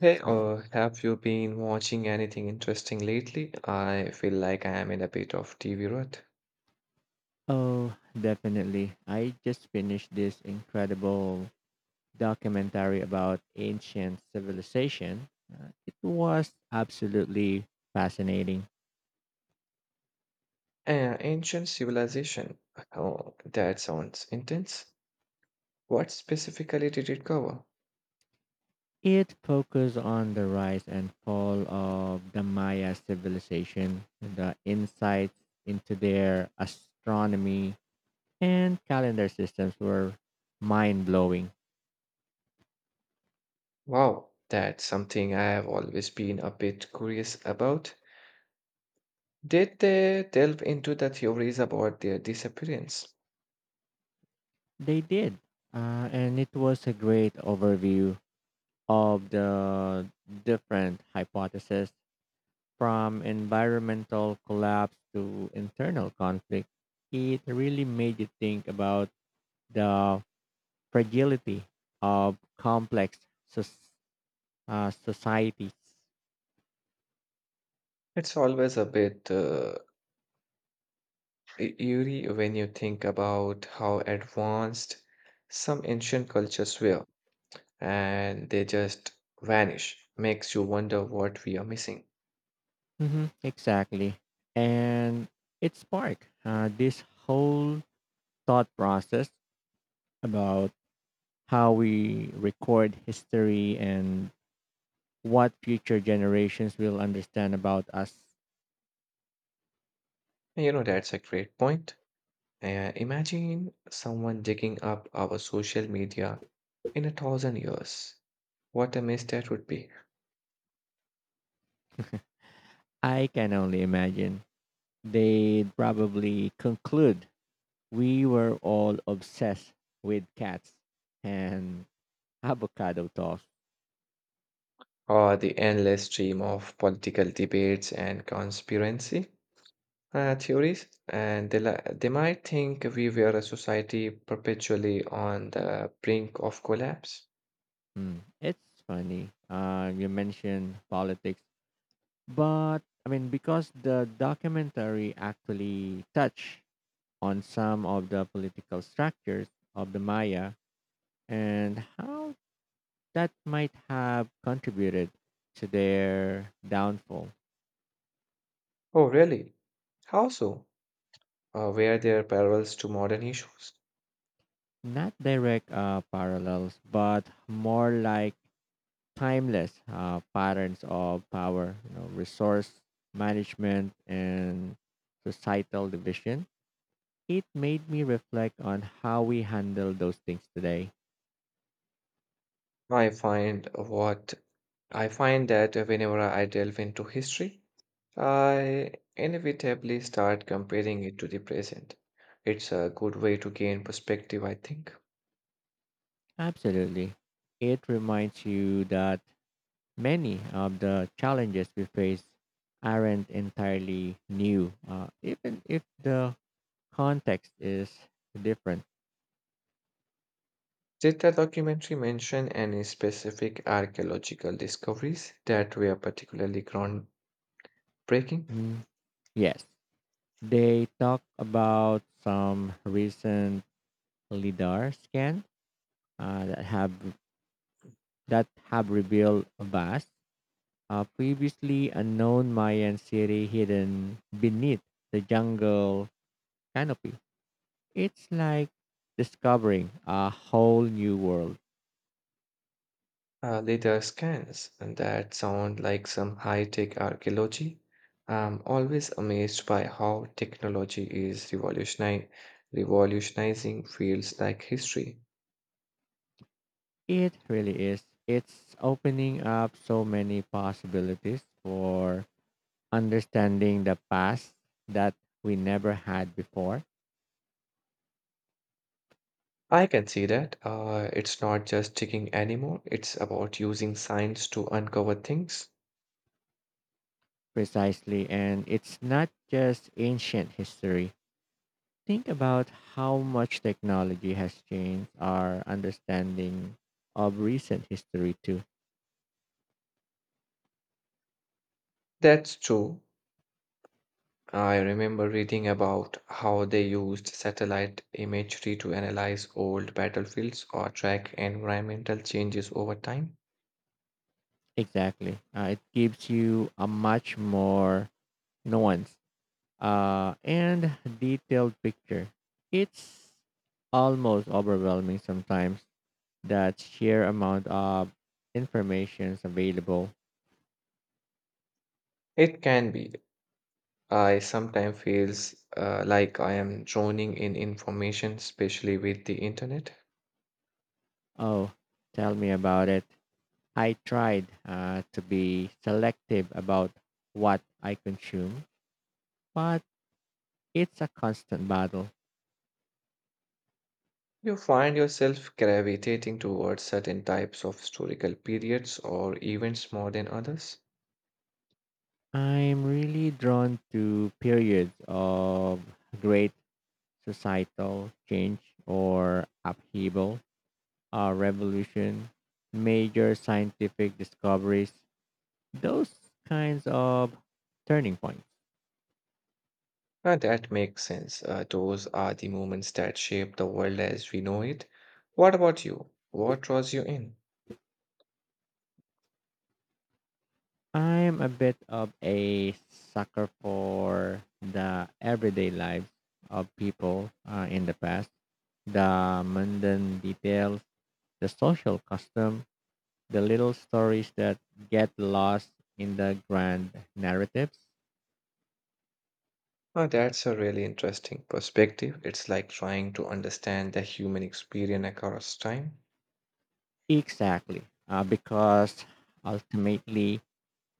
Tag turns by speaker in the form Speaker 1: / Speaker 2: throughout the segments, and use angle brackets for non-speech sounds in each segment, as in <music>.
Speaker 1: Hey,
Speaker 2: Oh,
Speaker 1: have you been watching anything interesting lately? I feel like I am in a bit of TV rut.
Speaker 2: oh, definitely. I just finished this incredible documentary about ancient civilization. It was absolutely fascinating.
Speaker 1: Ancient civilization. Oh, that sounds intense. What specifically did it cover?
Speaker 2: It focused on the rise and fall of the Maya civilization, the insights into their astronomy and calendar systems were mind blowing.
Speaker 1: Wow, that's something I have always been a bit curious about. Did they delve into the theories about their disappearance?
Speaker 2: They did. And it was a great overview of the different hypotheses from environmental collapse to internal conflict, it really made you think about the fragility of complex soc- societies.
Speaker 1: It's always a bit eerie when you think about how advanced some ancient cultures were, and they just vanish. Makes you wonder what we are missing.
Speaker 2: Mhm, exactly. And it sparked this whole thought process about how we record history and what future generations will understand about us.
Speaker 1: And you know, that's a great point. Imagine someone digging up our social media in a thousand years. What a mess that would be.
Speaker 2: I can only imagine. They'd probably conclude we were all obsessed with cats and avocado toast.
Speaker 1: Or the endless stream of political debates and conspiracy theories. And they, they might think we were a society perpetually on the brink of collapse.
Speaker 2: Mm, it's funny. You mentioned politics, but I mean, because the documentary actually touched on some of the political structures of the Maya and how that might have contributed to their downfall.
Speaker 1: Oh, really? How so? Were there parallels to modern issues?
Speaker 2: Not direct parallels, but more like timeless patterns of power, resource management and societal division. It made me reflect on how we handle those things today.
Speaker 1: I find what I find that whenever I delve into history, I inevitably start comparing it to the present. It's a good way to gain perspective, I think.
Speaker 2: Absolutely. It reminds you that many of the challenges we face aren't entirely new, even if the context is different.
Speaker 1: Did the documentary mention any specific archaeological discoveries that were particularly groundbreaking?
Speaker 2: Mm, yes. They talk about some recent LIDAR scan uh, that have that have revealed a vast, previously unknown Mayan city hidden beneath the jungle canopy. It's like discovering a whole new world.
Speaker 1: Laser scans, and that sound like some high-tech archaeology. I'm always amazed by how technology is revolutionizing fields like history.
Speaker 2: It really is. It's opening up so many possibilities for understanding the past that we never had before.
Speaker 1: I can see that. It's not just digging anymore, it's about using science to uncover things.
Speaker 2: Precisely. And it's not just ancient history. Think about how much technology has changed our understanding of recent history, too.
Speaker 1: That's true. I remember reading about how they used satellite imagery to analyze old battlefields or track environmental changes over time.
Speaker 2: Exactly. It gives you a much more nuanced and detailed picture. It's almost overwhelming sometimes that sheer amount of information is available.
Speaker 1: It can be. I sometimes feels like I am drowning in information, especially with the internet.
Speaker 2: Oh, tell me about it. I tried to be selective about what I consume, but it's a constant battle.
Speaker 1: You find yourself gravitating towards certain types of historical periods or events more than others.
Speaker 2: I'm really drawn to periods of great societal change or upheaval, a revolution, major scientific discoveries, those kinds of turning points.
Speaker 1: And that makes sense. Those are the moments that shape the world as we know it. What about you? What draws you in?
Speaker 2: I'm a bit of a sucker for the everyday lives of people in the past, the mundane details, the social custom, the little stories that get lost in the grand narratives.
Speaker 1: Oh, that's a really interesting perspective. It's like trying to understand the human experience across time.
Speaker 2: Exactly, because ultimately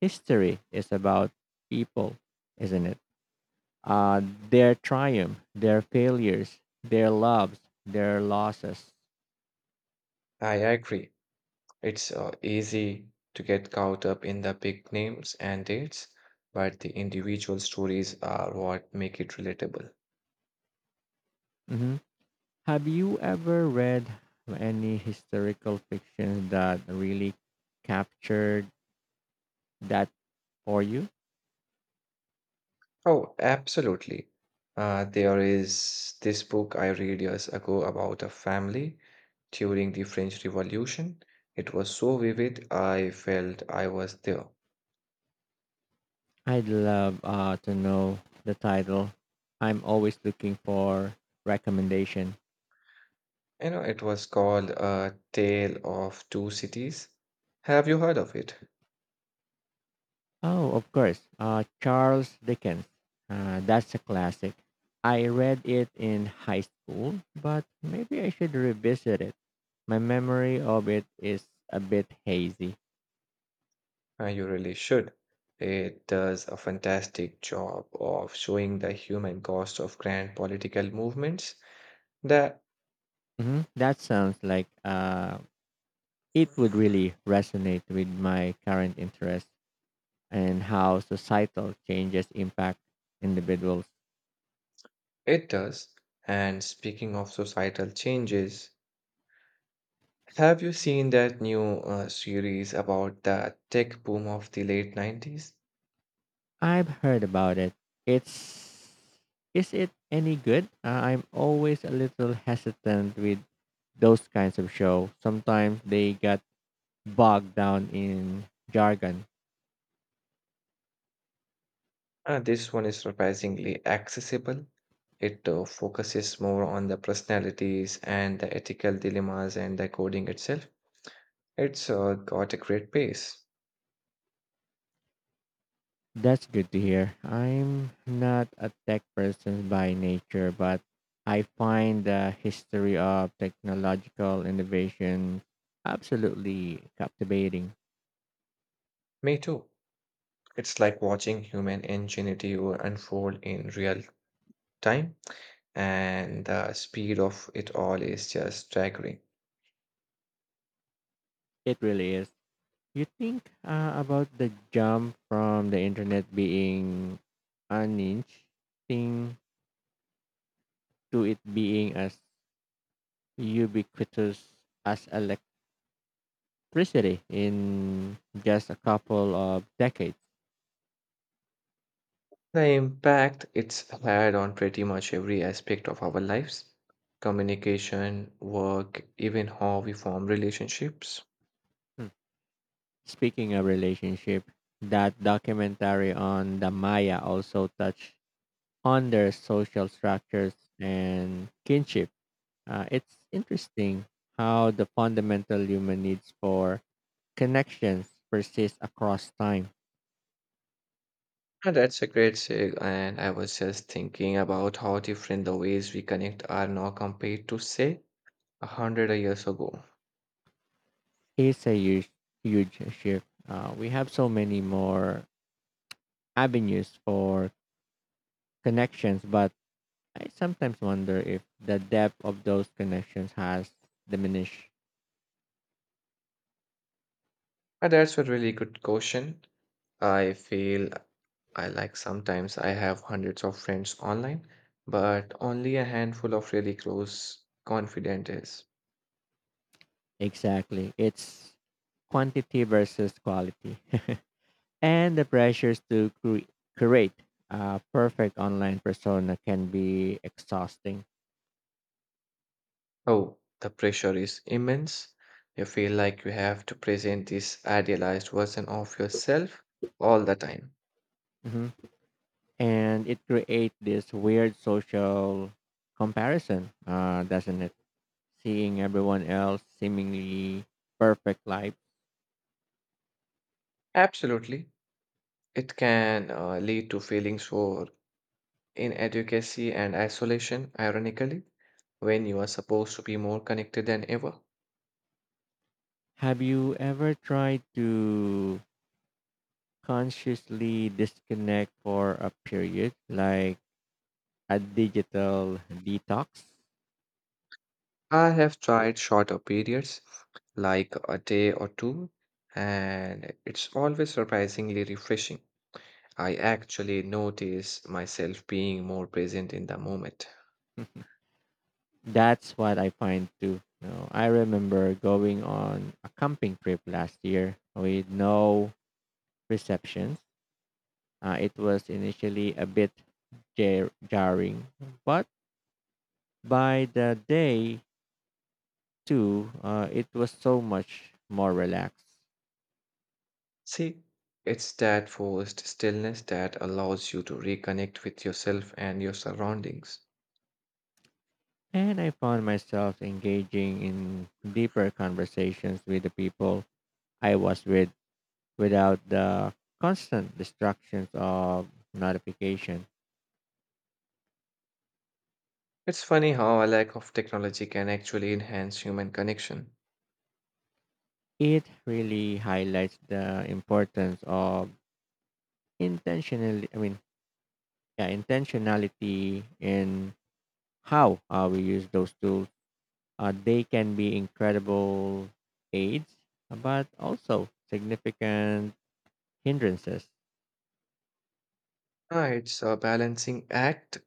Speaker 2: history is about people, isn't it? Uh, their triumph, their failures, their loves, their losses.
Speaker 1: I agree. It's easy to get caught up in the big names and dates, but the individual stories are what make it relatable.
Speaker 2: Mhm. Have you ever read any historical fiction that really captured that for you?
Speaker 1: Oh, absolutely. There is this book I read years ago about a family during the French Revolution. It was so vivid, I felt I was there.
Speaker 2: I'd love to know the title. I'm always looking for recommendation.
Speaker 1: You know, it was called A Tale of Two Cities. Have you heard of it?
Speaker 2: Oh, of course, Charles Dickens. That's a classic. I read it in high school, but maybe I should revisit it. My memory of it is a bit hazy.
Speaker 1: You really should. It does a fantastic job of showing the human cost of grand political movements. That
Speaker 2: Hmm. That sounds like it would really resonate with my current interests and how societal changes impact individuals.
Speaker 1: it does. And speaking of societal changes, have you seen that new series about the tech boom of the late 90s?
Speaker 2: I've heard about it. It's is it any good? I'm always a little hesitant with those kinds of show. Sometimes they get bogged down in jargon.
Speaker 1: This one is surprisingly accessible. It focuses more on the personalities and the ethical dilemmas and the coding itself. It's got a great pace.
Speaker 2: That's good to hear. I'm not a tech person by nature, but I find the history of technological innovation absolutely captivating.
Speaker 1: Me too. It's like watching human ingenuity unfold in real time, and the speed of it all is just staggering.
Speaker 2: It really is. You think about the jump from the internet being an inch thing to it being as ubiquitous as electricity in just a couple of decades.
Speaker 1: The impact it's had on pretty much every aspect of our lives: communication, work, even how we form relationships.
Speaker 2: Speaking of relationship, that documentary on the Maya also touched on their social structures and kinship. It's interesting how the fundamental human needs for connections persist across time.
Speaker 1: No, that's a great sig, and I was just thinking about how different the ways we connect are now compared to, say, a hundred years ago.
Speaker 2: It's a huge, huge shift. We have so many more avenues for connections, but I sometimes wonder if the depth of those connections has diminished.
Speaker 1: And that's a really good question. I feel I like sometimes I have hundreds of friends online, but only a handful of really close confidant is.
Speaker 2: Exactly. It's quantity versus quality. <laughs> And the pressures to create a perfect online persona can be exhausting.
Speaker 1: Oh, the pressure is immense. You feel like you have to present this idealized version of yourself all the time.
Speaker 2: Hmm. And it creates this weird social comparison, doesn't it? Seeing everyone else seemingly perfect life.
Speaker 1: Absolutely. It can lead to feelings for inadequacy and isolation, ironically, when you are supposed to be more connected than ever.
Speaker 2: Have you ever tried to consciously disconnect for a period, like a digital detox?
Speaker 1: I have tried shorter periods, like a day or two, and it's always surprisingly refreshing. I actually notice myself being more present in the moment.
Speaker 2: <laughs> That's what I find too. You know, I remember going on a camping trip last year with no receptions. It was initially a bit jarring, but by the day two, it was so much more relaxed.
Speaker 1: See, it's that forced stillness that allows you to reconnect with yourself and your surroundings.
Speaker 2: And I found myself engaging in deeper conversations with the people I was with without the constant distractions of notification.
Speaker 1: It's funny how a lack of technology can actually enhance human connection.
Speaker 2: It really highlights the importance of intentionally I mean yeah, intentionality in how we use those tools. They can be incredible aids, but also significant hindrances.
Speaker 1: Ah, it's a balancing act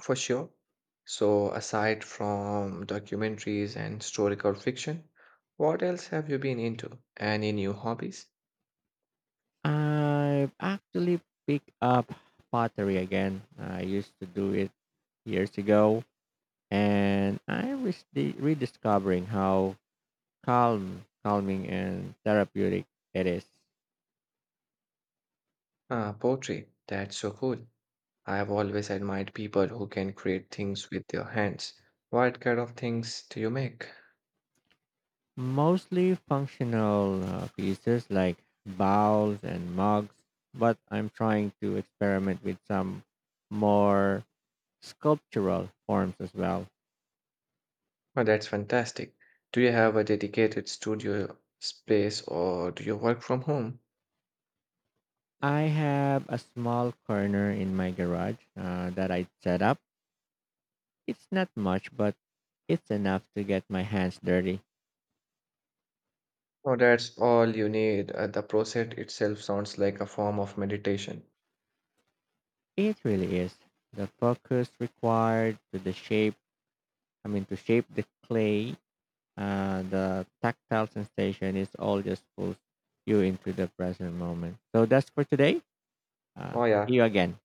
Speaker 1: for sure. So, aside from documentaries and historical fiction, what else have you been into? Any new hobbies?
Speaker 2: I've actually picked up pottery again. I used to do it years ago, and I'm rediscovering how calming, and therapeutic it is.
Speaker 1: Ah, poetry. That's so cool. I've always admired people who can create things with their hands. What kind of things do you make?
Speaker 2: Mostly functional pieces like bowls and mugs, but I'm trying to experiment with some more sculptural forms as well.
Speaker 1: Oh, that's fantastic. Do you have a dedicated studio space or do you work from home?
Speaker 2: I have a small corner in my garage that I set up. It's not much, but it's enough to get my hands dirty.
Speaker 1: No, that's all you need. The process itself sounds like a form of meditation.
Speaker 2: It really is. The focus required to the shape, I mean, to shape the clay, the tactile sensation is all just pulls you into the present moment. So that's for today. Uh,
Speaker 1: Oh,
Speaker 2: see
Speaker 1: yeah.
Speaker 2: you again.